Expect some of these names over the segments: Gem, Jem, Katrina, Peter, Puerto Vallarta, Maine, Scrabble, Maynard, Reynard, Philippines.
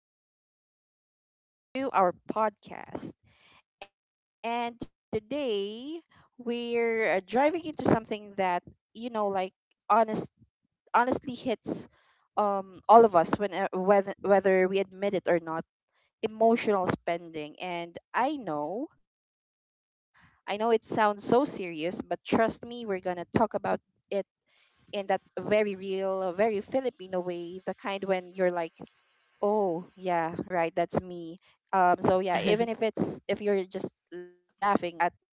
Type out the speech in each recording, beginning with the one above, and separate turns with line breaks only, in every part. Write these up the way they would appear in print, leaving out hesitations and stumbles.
it's me again, Jem, and welcome back to our podcast. And today we're driving into something that like honest, honestly hits all of us when whether we admit it or not. Emotional spending, and I know it sounds so serious, but trust me, we're gonna talk about it in that very real, very Filipino way, the kind when you're like, "Oh, yeah, right, that's me." So yeah, even if you're just laughing at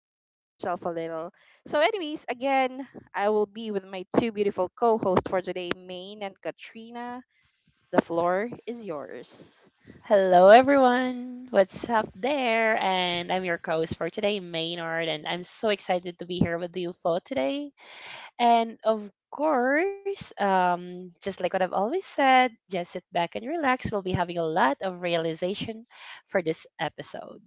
yourself a little. So anyways, again, I will be with my two beautiful co-hosts for today, Maine and Katrina. The floor is yours.
Hello, everyone. What's up there? And I'm your host for today, Maynard, and I'm so excited to be here with you for today. And of course, just like what I've always said, just sit back and relax. We'll be having a lot of realization for this episode.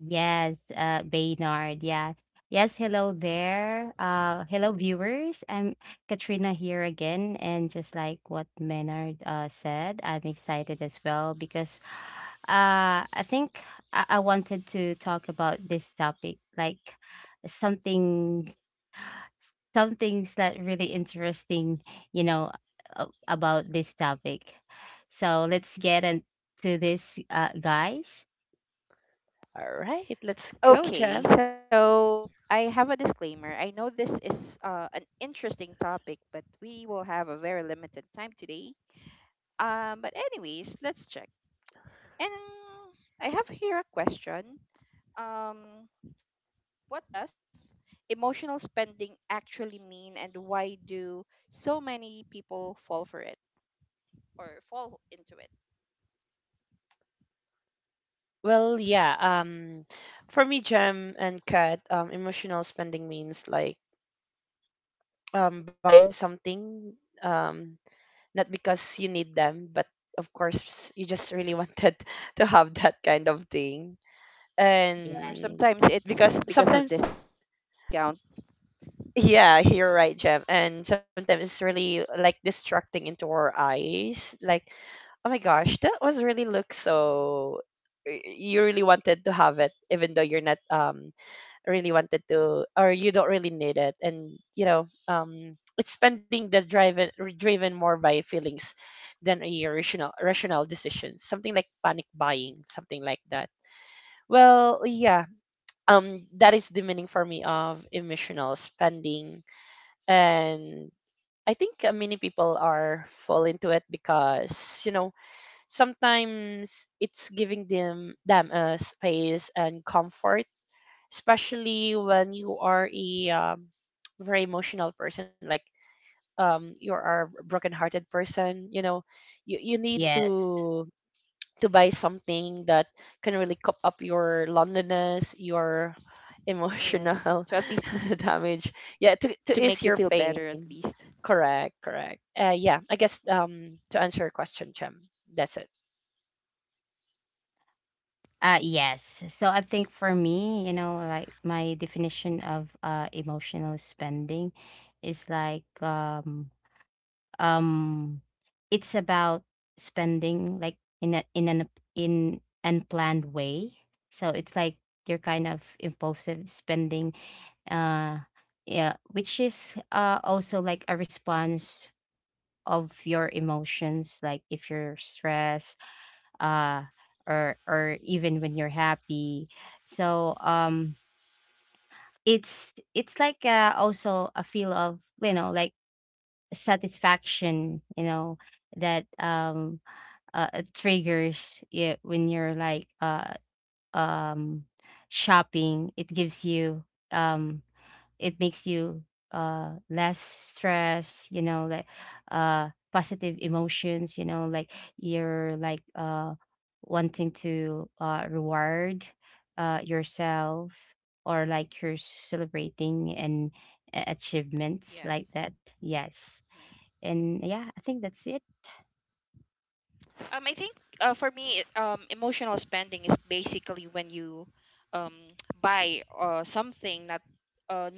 Yes, Baynard. Yeah. Yes, hello there. Hello viewers. I'm Katrina here again, and just like what Maynard said, I'm excited as well because uh I think I wanted to talk about this topic, like something some things that really interesting, you know, about this topic. So let's get into this, guys.
All right, let's go,
Okay,
Jem.
so I have a disclaimer. I know this is an interesting topic, but we will have a very limited time today. But anyways, let's check. And I have here a question. Um, what does emotional spending actually mean, and why do so many people fall for it or fall into it?
Well, yeah. For me, Jem and Kat, emotional spending means like buying something. Um, not because you need them, but of course you just really wanted to have that kind of thing.
Yeah.
Or
And
sometimes
because
it's because of
sometimes,
discount.
yeah, you're right, Jem. And sometimes it's really like distracting into our eyes. Like, oh my gosh, that was really look so. You really wanted to have it, even though you're not really wanted to or you don't really need it, and you know it's spending that driven more by feelings than a rational decision, something like panic buying, something like that. Well, yeah, that is the meaning for me of emotional spending. And I think many people are fall into it because you know sometimes it's giving them a space and comfort, especially when you are a very emotional person, like you are a broken-hearted person, you know, you need
Yes.
to buy something that can really cup up your loneliness, your
Oh yes. So
emotional
at least to make you
damage.
feel
Yeah,
better, at
to
least.
ease your pain. Correct, correct.
Hmm.
Yeah, I guess to answer your question, chem, that's it.
Yes. So I think for me, you know, like my definition of emotional spending is like um it's about spending like in an in unplanned way. So it's like your kind of impulsive spending, uh yeah, which is also like a response of your emotions, like if you're stressed, uh or even when you're happy. So it's it's like also a feel of, you know, like satisfaction, you know, that it triggers it when you're like um shopping. It gives you, um it makes you less stress, you know, like positive emotions, you know, like you're like wanting to reward yourself, or like you're celebrating and achievements
Yes.
like that.
Hmm.
Yes, and yeah, I think that's it.
I think for me, emotional spending is basically when you um, buy something not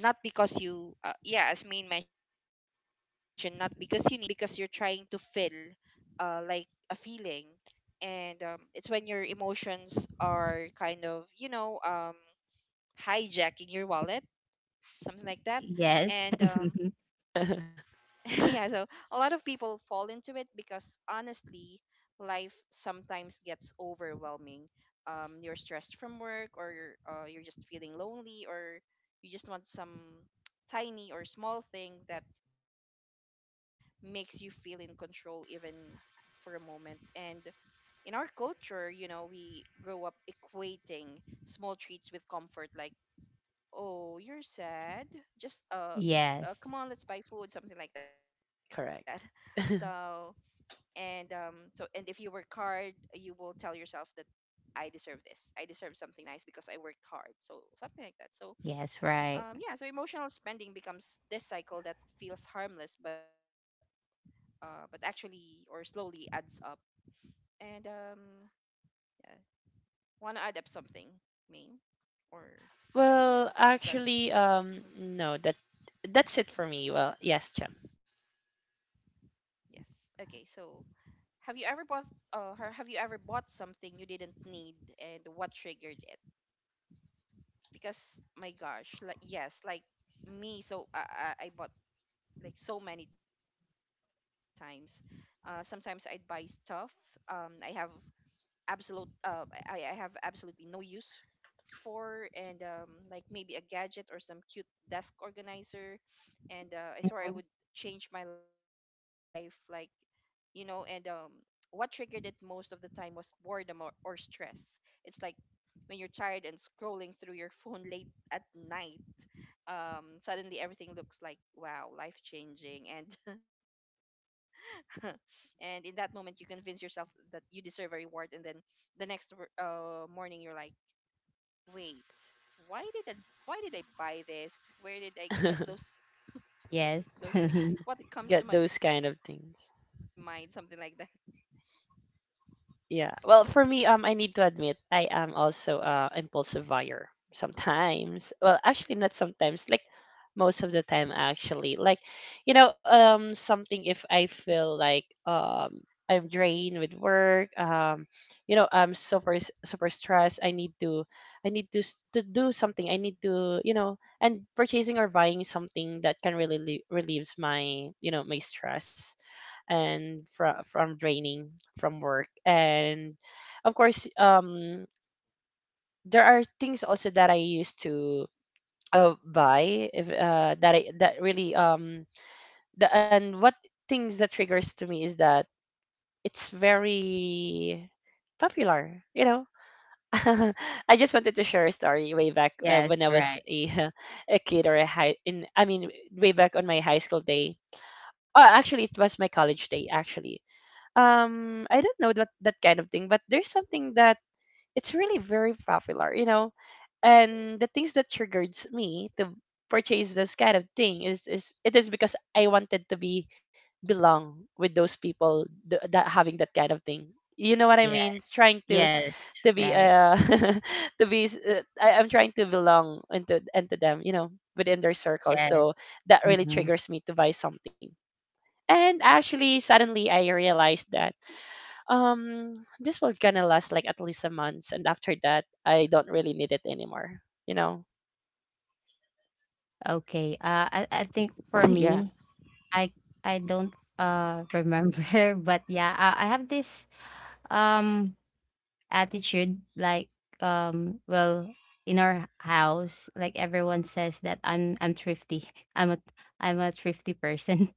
not because you yeah, as Main mentioned, not because you need it, but because you're trying to fill like a feeling, and it's when your emotions are kind of hijacking your wallet, something like that.
Yes.
And yeah, so a lot of people fall into it because honestly life sometimes gets overwhelming. You're stressed from work, or you're just feeling lonely, or you just want some tiny or small thing that makes you feel in control even for a moment. And in our culture, you know, we grow up equating small treats with comfort, like, oh, you're sad, just
yes
come on, let's buy food, something like that.
Correct.
so and so and if you work hard you will tell yourself that I deserve this, I deserve something nice because I worked hard, so something like that. So
yes. Right.
yeah, so emotional spending becomes this cycle that feels harmless, but actually or slowly adds up. And yeah, want to add up something, Ming, or Katrina?
Well, actually,
Because Mhm.
no, that's it for me. Well, yes, champ.
Yes, okay, so have you ever bought or have you ever bought something you didn't need, and what triggered it? Because my gosh, like yes, like me, so I bought like so many times. Sometimes I'd buy stuff. I have I have absolutely no use for, and like maybe a gadget or some cute desk organizer, and I swore I
Mhm.
would change my life, like, you know. And what triggered it most of the time was boredom, or stress. It's like when you're tired and scrolling through your phone late at night. Suddenly everything looks like, wow, life changing, and and in that moment you convince yourself that you deserve a reward, and then the next morning you're like, wait, why did I, why did I buy this? Where did I get
Yes.
those things? What comes
Get
to my
those
mind,
kind of
something like that.
things. Yeah. Well, for me, I need to admit I am also impulsive buyer sometimes. Well, actually, not sometimes. Like most of the time, actually. Like, you know, something if I feel like I'm drained with work, you know, I'm super stressed. I need to to do something. I need to, you know, and purchasing or buying something that can really relieves my, you know, my stress and from draining from work. And of course there are things also that I used to buy if that I that really the and what things that triggers to me is that it's very popular, you know. I just wanted to share a story way back
yes.
when I was
Right.
a a kid or a high in I mean way back on my high school day. Oh, actually, it was my college day actually. I don't know that kind of thing, but there's something that it's really very popular, you know. And the things that triggers me to purchase this kind of thing is it is because I wanted to be belong with those people that having that kind of thing. You know what I
Yes.
mean? It's trying
Yes.
to be
Right.
to be I'm trying to belong into them, you know, within their circles.
Yes.
So that really
Mhm.
triggers me to buy something. And actually, suddenly I realized that this will gonna last like at least a month, and after that I don't really need it anymore, you know.
Yeah,
Okay. I think for me, I I don't remember, but yeah, I have this um attitude, like um well in our house, like everyone says that I'm thrifty. I'm a thrifty person.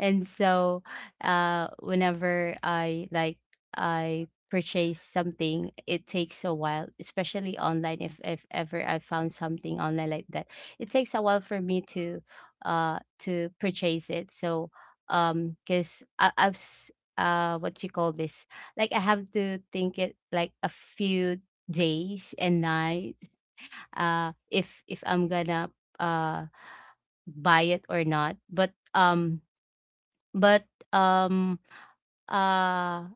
And so, whenever I like I purchase something, it takes a while, especially online. If ever I found something online like that, it takes a while for me uh, to purchase it. So, because what you call this, like, I have to think it like a few days and nights if I'm gonna uh buy it or not, but but, um, uh,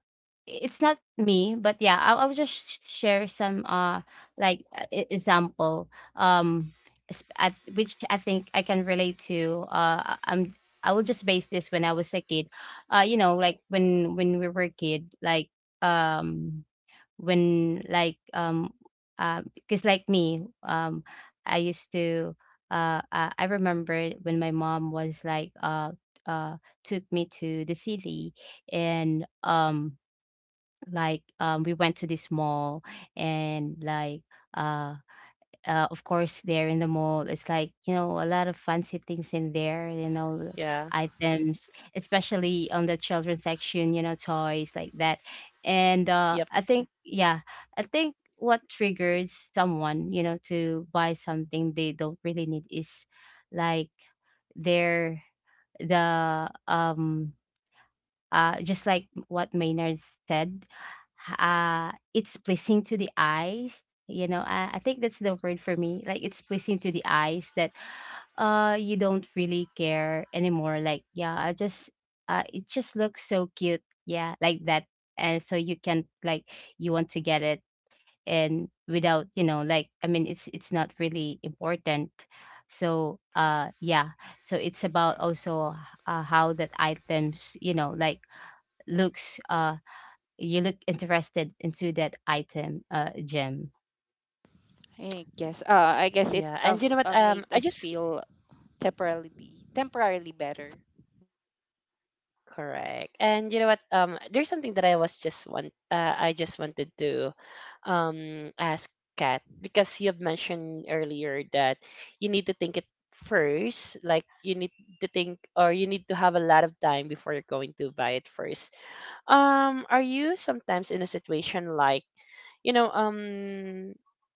it's not me, but yeah, I'll just sh share some, like, e example, um, sp I which I think I can relate to. I will just base this when I was a kid. You know, like, when we were a kid, like, um when like because like me, I used to I remember when my mom was like uh took me to the city, and we went to this mall and uh of course, there in the mall, it's like, you know, a lot of fancy things in there, you know,
Yeah.
items, especially on the children's section, you know, toys like that. And
Yep.
I think yeah, I think what triggers someone, you know, to buy something they don't really need is like their the just like what Maynard said, it's pleasing to the eyes. You know, I think that's the word for me. Like, it's pleasing to the eyes that you don't really care anymore. Like, yeah, I just it just looks so cute. Yeah, like that. And so you can like you want to get it, and without, you know, like, I mean, it's not really important. So, uh, yeah. So it's about also, how that items, you know, like, looks, you look interested into that item, uh, Gem?
I guess. I guess it
Yeah.
uh,
And you know what,
made
I
us
just
feel temporarily temporarily better.
correct and you know what there's something that I
Yes,
was
Maynard.
just want
Sorry to
I just
interrupt
wanted
you.
to ask Kat, because you have mentioned earlier that you need to think it first, like you need to think or you need to have a lot of time before you're going to buy it first. Are you sometimes in a situation like, you know,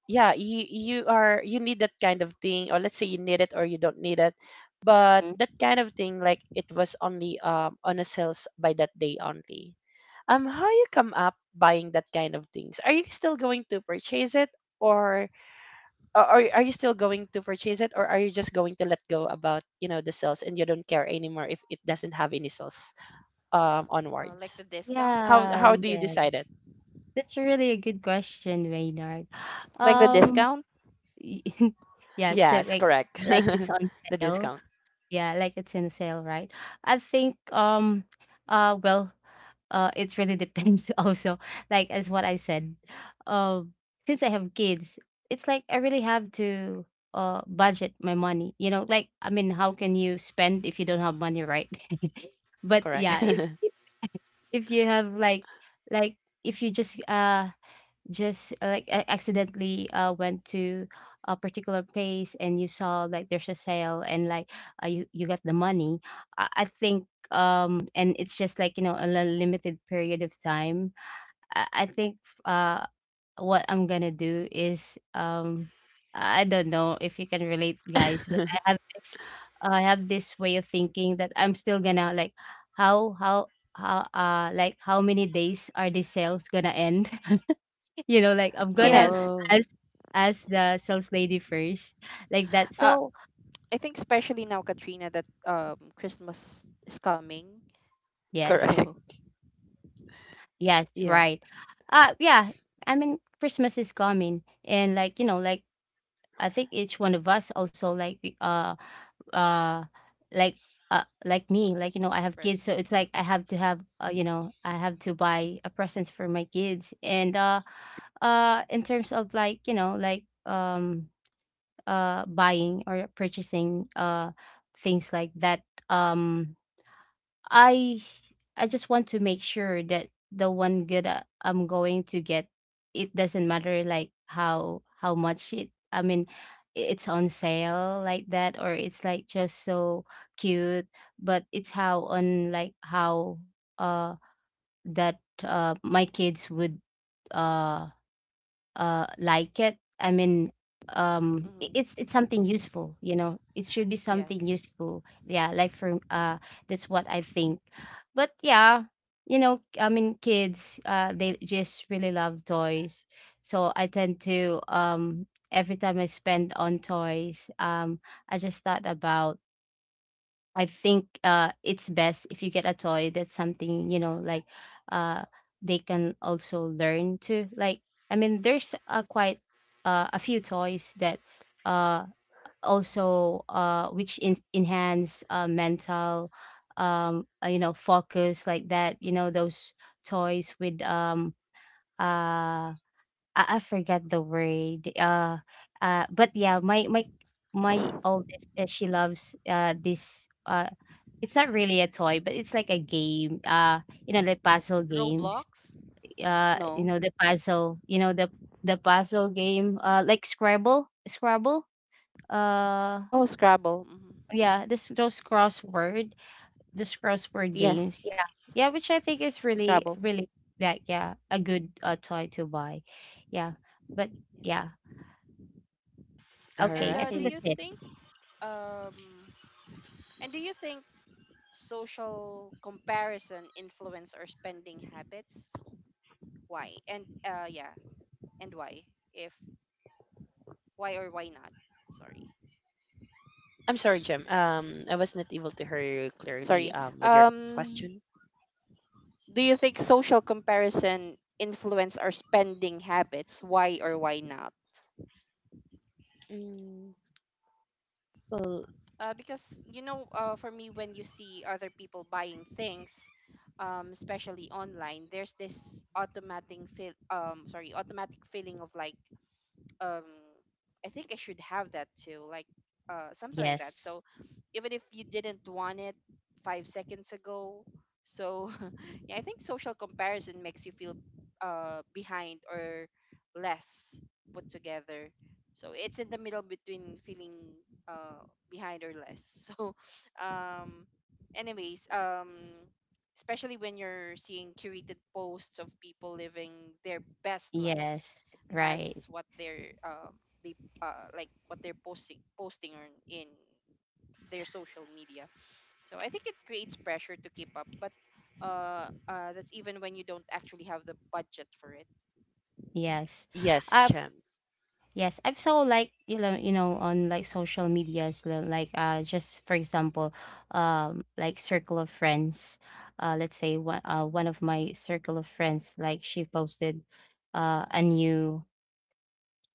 yeah, you are you need that kind of thing, or let's say you need it or you don't need it, but
Mhm.
that kind of thing, like it was only on a sales by that day only. How you come up buying that kind of things, are you still going to purchase it or or are you still going to purchase it, or are you just going to let go about you know the sales and you don't care anymore if it doesn't have any sales,
Like
onwards?
the discount or
how
Yeah,
how do
something.
you
yeah.
decide it?
That's really a good question, Reynard.
Like the
Um,
discount?
yeah, so
Yes, correct.
like it's
The
on sale.
discount.
Yeah, like it's in sale, right? I think uh well it really depends also. Like, as what I said, um since I have kids, it's like I really have to budget my money. You know, like, I mean, how can you spend if you don't have money, right? But
Correct.
yeah, if you have like if you just like I accidentally went to a particular place and you saw like there's a sale, and like, you got the money. I think um, and it's just like, you know, a limited period of time. I think uh what I'm gonna do is, um, I don't know if you can relate, guys, but I have this way of thinking that I'm still gonna like how how how like how many days are these sales gonna end. You know, like, I'm gonna
Yes.
Oh,
ask the sales lady first, like that.
Uh,
So
I think especially now, Katrina, that Christmas is coming.
correct.
yes,
So
yes,
Yeah.
right. Yeah. I mean, Christmas is coming, and like you know, like, I think each one of us also like uh like like me, like, you know, I
Christmas
have kids, so it's
presents.
like I have to
Mhm.
have, you know, I have to buy a presents for my kids, and in terms of like, you know, like buying or purchasing things like that, um i I just want to make sure that the one good, I'm going to get, it doesn't matter like how much it, I mean, it's on sale like that, or it's like just so cute, but it's how on like how uh that my kids would uh like it. I mean,
Mm,
it's something useful, you know, it should be something
yes.
useful. Yeah, like for, uh, that's what I think. But yeah, you know, I mean, kids, uh, they just really love toys, so I tend to, um, every time I spend on toys, um, I just thought about, I think, uh, it's best if you get a toy that's something, you know, like, uh they can also learn to. Like, I mean, there's a quite, a few toys that uh also, uh, which enhance, uh, mental, you know, focus like that. You know, those toys with uh I forgot the word. But yeah, my oldest, she loves this, it's not really a toy, but it's like a game. You know, like puzzle games.
Roblox? No.
You know the puzzle. You know the puzzle game. Like Scrabble, Scrabble.
Oh, Scrabble.
Uh,
Hmm.
yeah, this those
Yes,
crossword games. Yeah, yeah, which I think is
Scrabble.
really really like, yeah, a good, uh, toy to buy. Yeah, but
Yes.
yeah.
All
And
Okay, I
do
think
right.
that's
you
it.
think um and do you think social comparison influence our spending habits? Why? And yeah, and why? If why or why not? Sorry.
I'm sorry, Jim. I was not able to hear you clearly.
Sorry.
With your question.
Um, do you think social comparison influence our spending habits? Why or why not?
Mm, well,
Because you know, for me, when you see other people buying things, especially online, there's this automatic feel, sorry, automatic feeling of like, um I think I should have that too, like something like that.
Yes.
So even if you didn't want it 5 seconds ago, so yeah, I think social comparison makes you feel behind or less put together. So it's in the middle between feeling uh behind or less. So um anyways, especially when you're seeing curated posts of people living their best lives
Yes. Right.
as what they're they like what they're posting on in their social media. So I think it creates pressure to keep up, but that's even when you don't actually have the budget for it.
Yes.
yes,
Uh
Jim.
yes, I've saw, like, you know, you know, on like social medias, like, uh, just for example, like circle of friends. Uh, let's say one one of my circle of friends like she posted a new,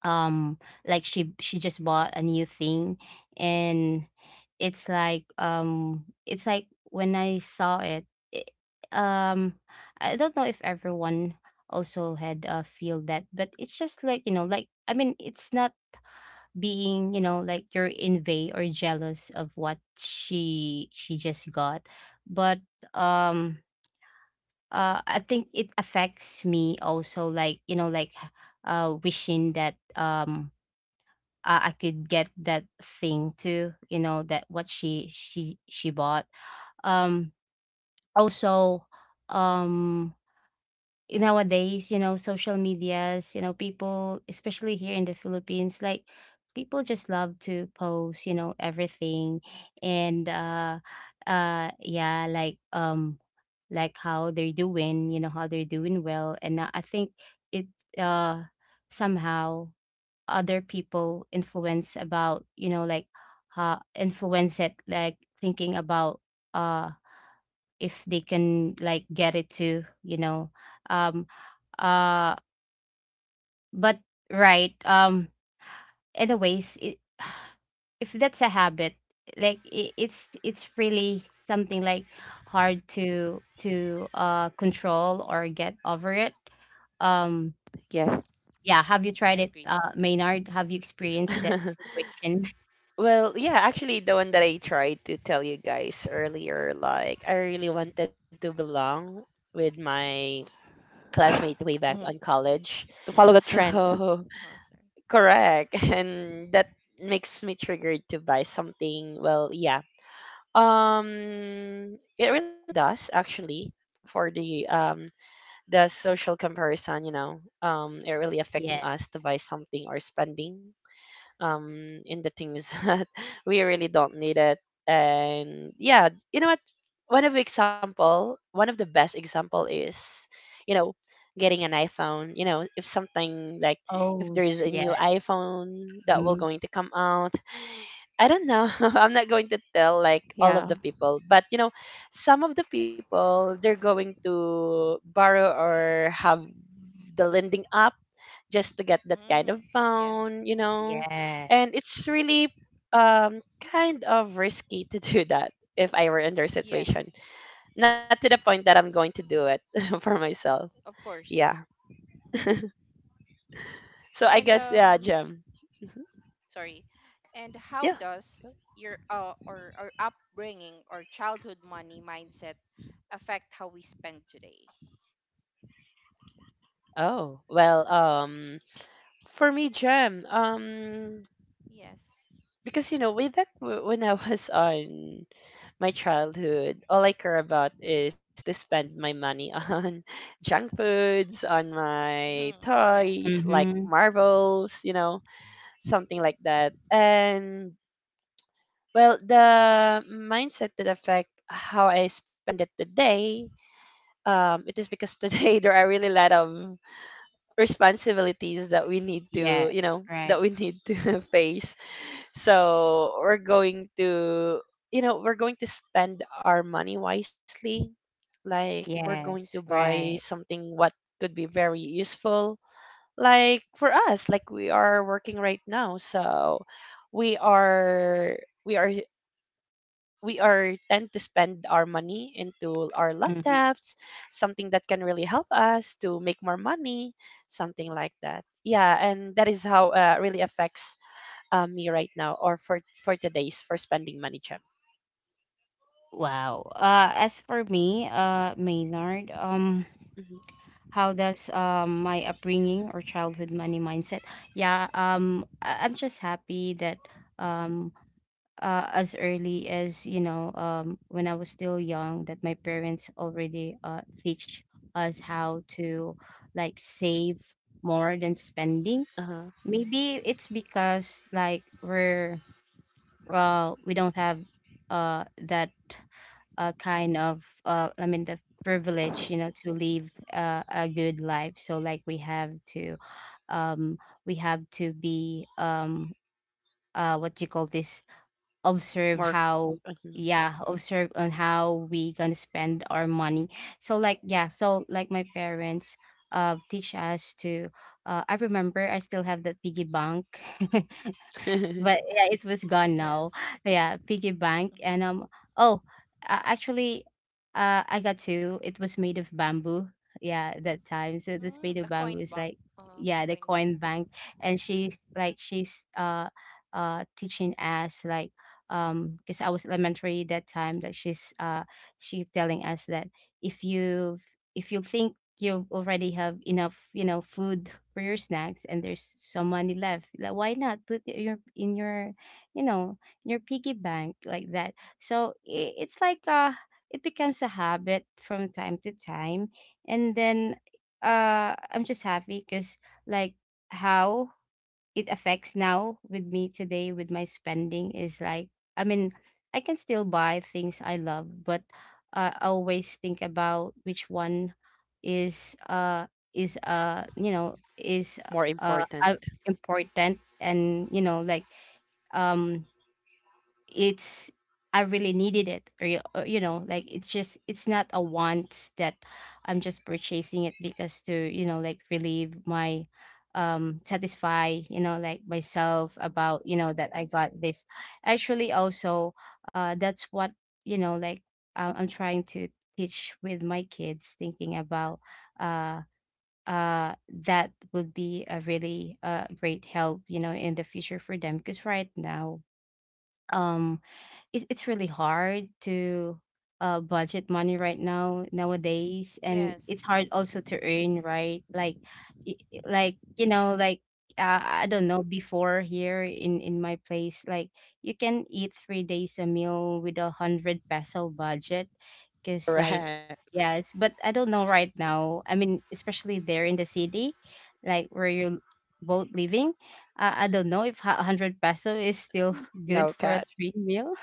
um like she just bought a new thing, and it's it's like when I saw it, it um I don't know if everyone also had, uh, feel that, but it's just like, you know, like, I mean, it's not being, you know, like, you're envy or jealous of what she just got, but um I think it affects me also, like, you know, like, uh, wishing that, um, I could get that thing too, you know, that what she bought. Um Also, um nowadays, you know, social medias, you know, people especially here in the Philippines like people just love to post, you know, everything, and yeah, like, um, like how they're doing, you know, how they're doing well, and, I think it, uh somehow, other people influence about, you know, like, influence it, like thinking about, uh if they can like get it to, you know, um uh but right, um, anyways, it, if that's a habit, like, it's really something like hard to, uh, control or get over it, um, yeah. Have you
I
tried it,
agree.
uh, Maynard? Have you experienced that situation?
Well, yeah, actually, the one that I tried to tell you guys earlier, like, I really wanted to belong with my
Hmm.
classmate way
To
back
follow
on
the trend.
college.
Uh,
So,
sorry.
correct. And that makes me triggered to buy something. Well, yeah, it really does actually for the social comparison, you know, it really affecting
Yes.
us to buy something or spending in the things that we really don't need it. And yeah, you know what? One of example, one of the best example is, you know, getting an iPhone. You know, if something like if
Oh,
there is
s
a new
yes.
iPhone that will
Mhm.
going to come out. I don't know. I'm not going to
Yeah.
tell like all of the people, but you know, some of the people they're going to borrow or have the lending up just to get that kind of
Mm, yes.
loan, you know.
Yes.
And it's really um kind of risky to do that if I were in their
Yes,
situation. Not to the point that I'm going to do it for myself.
of course.
Yeah. So
And
I guess yeah, Jim. Mhm.
sorry, and how
Yeah.
does your or upbringing or childhood money mindset affect how we spend today?
Oh, well, for me, Jem,
Yes.
because you know way back when I was on my childhood, all I care about is to spend my money on junk foods, on my
Hmm. Yeah.
toys like
Mhm.
marbles, you know, something like that. And well, the mindset that affect how I spend it today, it is because today there are really a lot of responsibilities that we need to, you
Yes,
know,
right.
that we need to face, so we're going to, you know, we're going to spend our money wisely. Like we're going to
Yes,
buy
right.
something what could be very useful. Like for us, like we are working right now, so we are we are we are tend to spend our money into our laptops,
Mhm.
something that can really help us to make more money, something like that. Yeah, and that is how really affects me right now or for today's for spending money, gem.
Wow. As for me, Maynard,
Hmm.
how does, my upbringing or childhood money mindset? Yeah, I I'm just happy that, um, as early as, you know, when I was still young, that my parents already, teach us how to like save more than spending.
Uh-huh.
Maybe it's because like we're well we don't have, that, kind of, I mean the privilege, you know, to live, a good life, so like we have to, um, we have to be, um, what you call this, observe
More
how,
mhm.
yeah, observe on how we gonna spend our money. So like yeah, so like my parents, uh, teach us to, uh, I remember I still have that piggy bank, but yeah, it was gone
Yes.
now. Yeah, piggy
Hmm.
bank and um, oh, actually, I got two. It was made of bamboo. Yeah, that time. So it was
Mm, the
made of
coin
bamboo. It's
bank.
like
Uh,
yeah,
coin
the
bank.
coin bank, and she's teaching us like because I was elementary that time that she's she telling us that if you if you think you already have enough, you know, food for your snacks and there's some money left. Like, why not put it your in your, you know, your piggy bank like that? So I it's like it becomes a habit from time to time. And then I'm just happy because, like, how it affects now with me today with my spending is like, I mean, I can still buy things I love, but I always think about which one is uh is you know, is
More
uh uh,
important.
important, and you know, like, um it's, I really needed it, or, or, you know, like, it's just, it's not a want that I'm just purchasing it because to, you know, like, relieve my satisfy, you know, like myself about, you know, that I got this. Actually, also that's what, you know, like, I'm trying to teach with my kids, thinking about uh uh that would be a really great help, you know, in the future for them, because right now um it's really hard to budget money right now nowadays, and
Yes.
it's hard also to earn, right? Like, like, you know, like, I don't know, before here in my place, like, you can eat 3 days a meal with a 100 peso budget, because
Mm-hmm.
like,
Correct.
yes, but I don't know right now, I mean, especially there in the city like where you're both living. I don't know if a 100 peso is still good
No,
for a
cat.
three meal.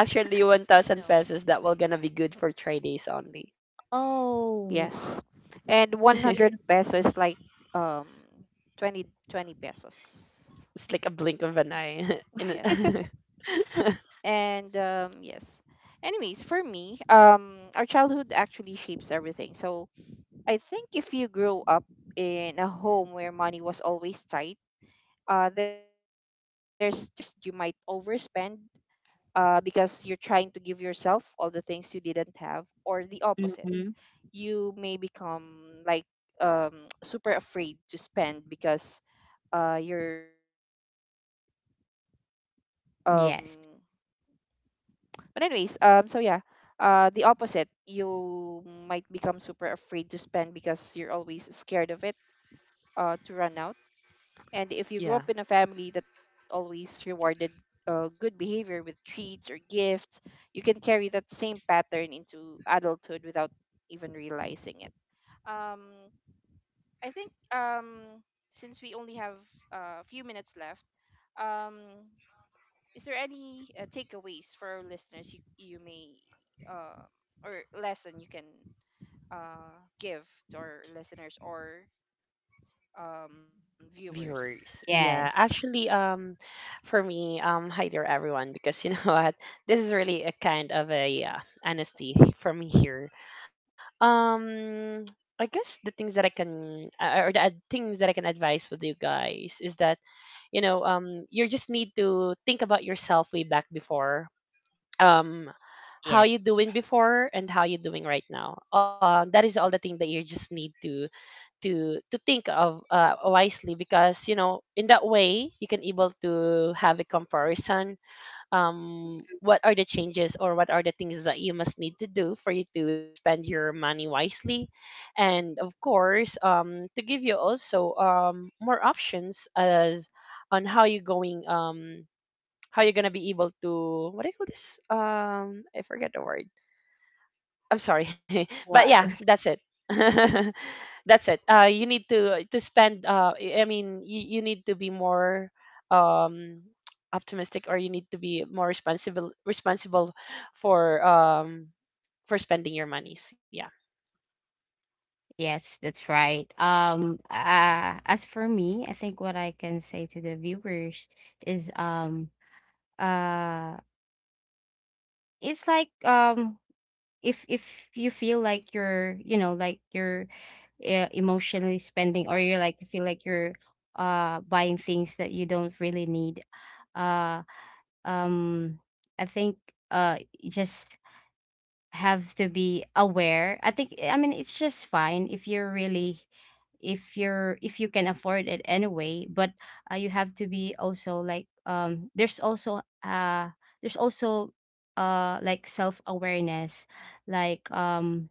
Actually,
Mm,
one
no.
thousand pesos that will gonna be good for 3 days only.
Oh.
Yes. And 100 pesos is like um 20 20 pesos.
It's like a blink of an eye. In
Yes.
a-
And yes, anyways, for me our childhood actually shapes everything. So I think if you grow up in a home where money was always tight, there's two things: first, you might overspend, because you're trying to give yourself all the things you didn't have, or the opposite,
Mhm.
you may become like, super afraid to spend because you're. um
Yes.
But anyways, so yeah, the opposite. You might become super afraid to spend because you're always scared of it, to run out. And if you
yeah,
grow up in a family that always rewarded good behavior with treats or gifts, you can carry that same pattern into adulthood without even realizing it. Um, I think since we only have a few minutes left, um, is there any takeaways for our listeners, you may uh, or lesson you can give to our listeners or viewers?
viewers, yeah,
Yes.
actually for me hi there everyone, because you know what, this is really a kind of a honesty from here. Um, I guess the things that I can or the things that I can advise with you guys is that you know you just need to think about yourself way back before um
Yes.
how you doing before and how you doing right now. That is all the thing that you just need to think of wisely, because you know in that way you can able to have a comparison what are the changes or what are the things that you must need to do for you to spend your money wisely, and of course to give you also more options as on how you going how you're gonna be able to what do you call this, I forget the word. I'm sorry,
What?
but yeah, that's it. That's it. You need to spend. I mean, you need to be more um, optimistic, or you need to be more responsible for um, for spending your monies. Yeah.
Yes, that's right. As for me, I think what I can say to the viewers is, uh it's like, if, you feel like you're, you know, like you're emotionally spending, or you're, like, you feel like you're buying things that you don't really need. uh um I think you just have to be aware, I think. I mean, it's just fine if you're really, if you can afford it anyway, but you have to be also like, there's also there's also like self awareness, like,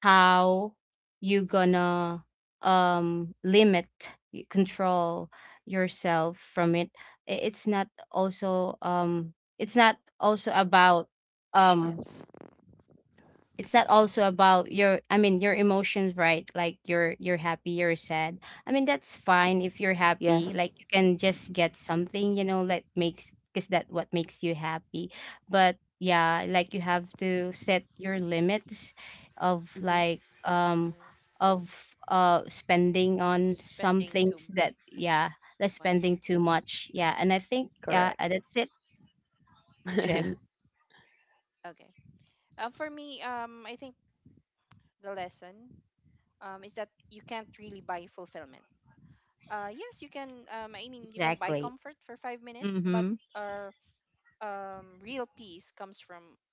how you gonna limit, control yourself from it. It's not also, it's not also about
Yes.
um your, I mean, your emotions, right? Like, you're happy, you're sad. I mean, that's fine. If
Yes.
you're happy, like, you can just get something, you know, that makes, because that what makes you happy. But yeah, like, you have to set your limits of
Hmm.
like,
Or
of spending on some
spending too
things that,
much?
yeah, that's spending too much, yeah. And I think, yeah,
Correct.
that's it, Jim.
Okay. For me, I think the lesson is that you can't really buy fulfillment. Yes, you can. I mean, you can buy comfort for
Exactly.
5 minutes, but
Mm-hmm.
uh, real peace comes from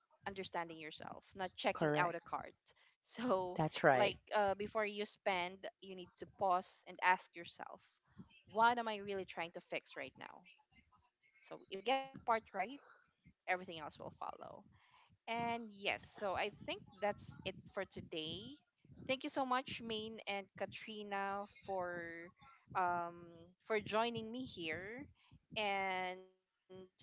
understanding yourself, not checking out a card.
Correct.
So,
That's right.
like before you spend, you need to pause and ask yourself, what am I really trying to fix right now? So, if you get that part right, everything else will follow. And yes, so I think that's it for today. Thank you so much, Maine and Katrina, um for joining me here. And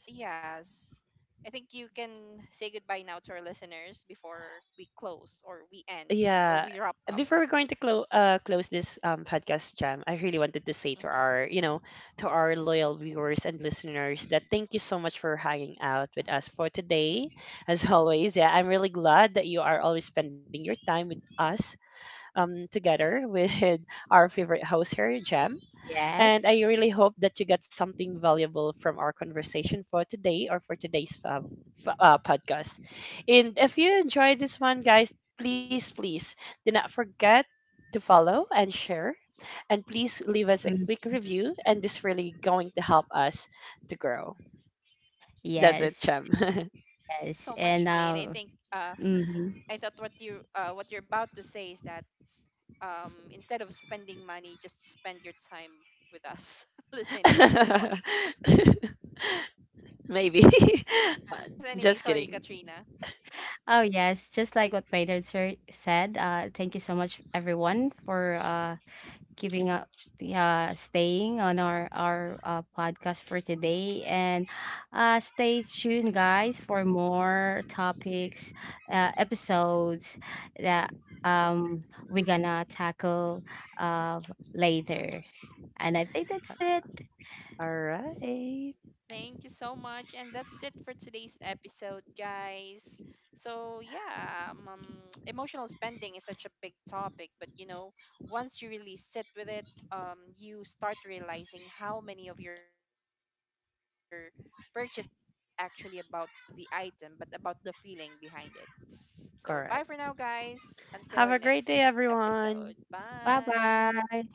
yes, I think you can say goodbye now to our listeners before we close, or we end,
Yeah.
or we wrap
Before
up.
we're going to close close this podcast, Jam, I really wanted to say to our,
Hmm.
you know, to our loyal viewers and listeners that thank you so much for hanging out with us for today. As always, yeah, I'm really glad that you are always spending your time with us together with our favorite host here, Jem. And
Yes.
I really hope that you got something valuable from our conversation for today or for today's podcast. And if you enjoyed this one, guys, please, please do not forget to follow and share. And please leave us a quick review, and this really going to help us to grow. That's it,
Yes,
Chem.
Thank you so much,
yes.
Maine. I
And
think I
hmm
thought what you what you're about to say is that instead of spending money, just spend your time with us listening to our pod.
Maybe.
But yes, anyway,
Just
sorry,
kidding.
Katrina.
oh yes, just like what Peter sir said, thank you so much everyone for keeping up, staying on our podcast for today, and stay tuned guys for more topics, episodes that um we're gonna tackle uh later. And I think that's it.
All right.
Thank you so much. And that's it for today's episode, guys. So, yeah, emotional spending is such a big topic, but you know, once you really sit with it, you start realizing how many of your purchases weren't actually about the item, but about the feeling behind it. So, bye for
Correct.
now, guys. Until our
Have a great
next
day,
episode.
everyone.
Bye
Bye.
bye.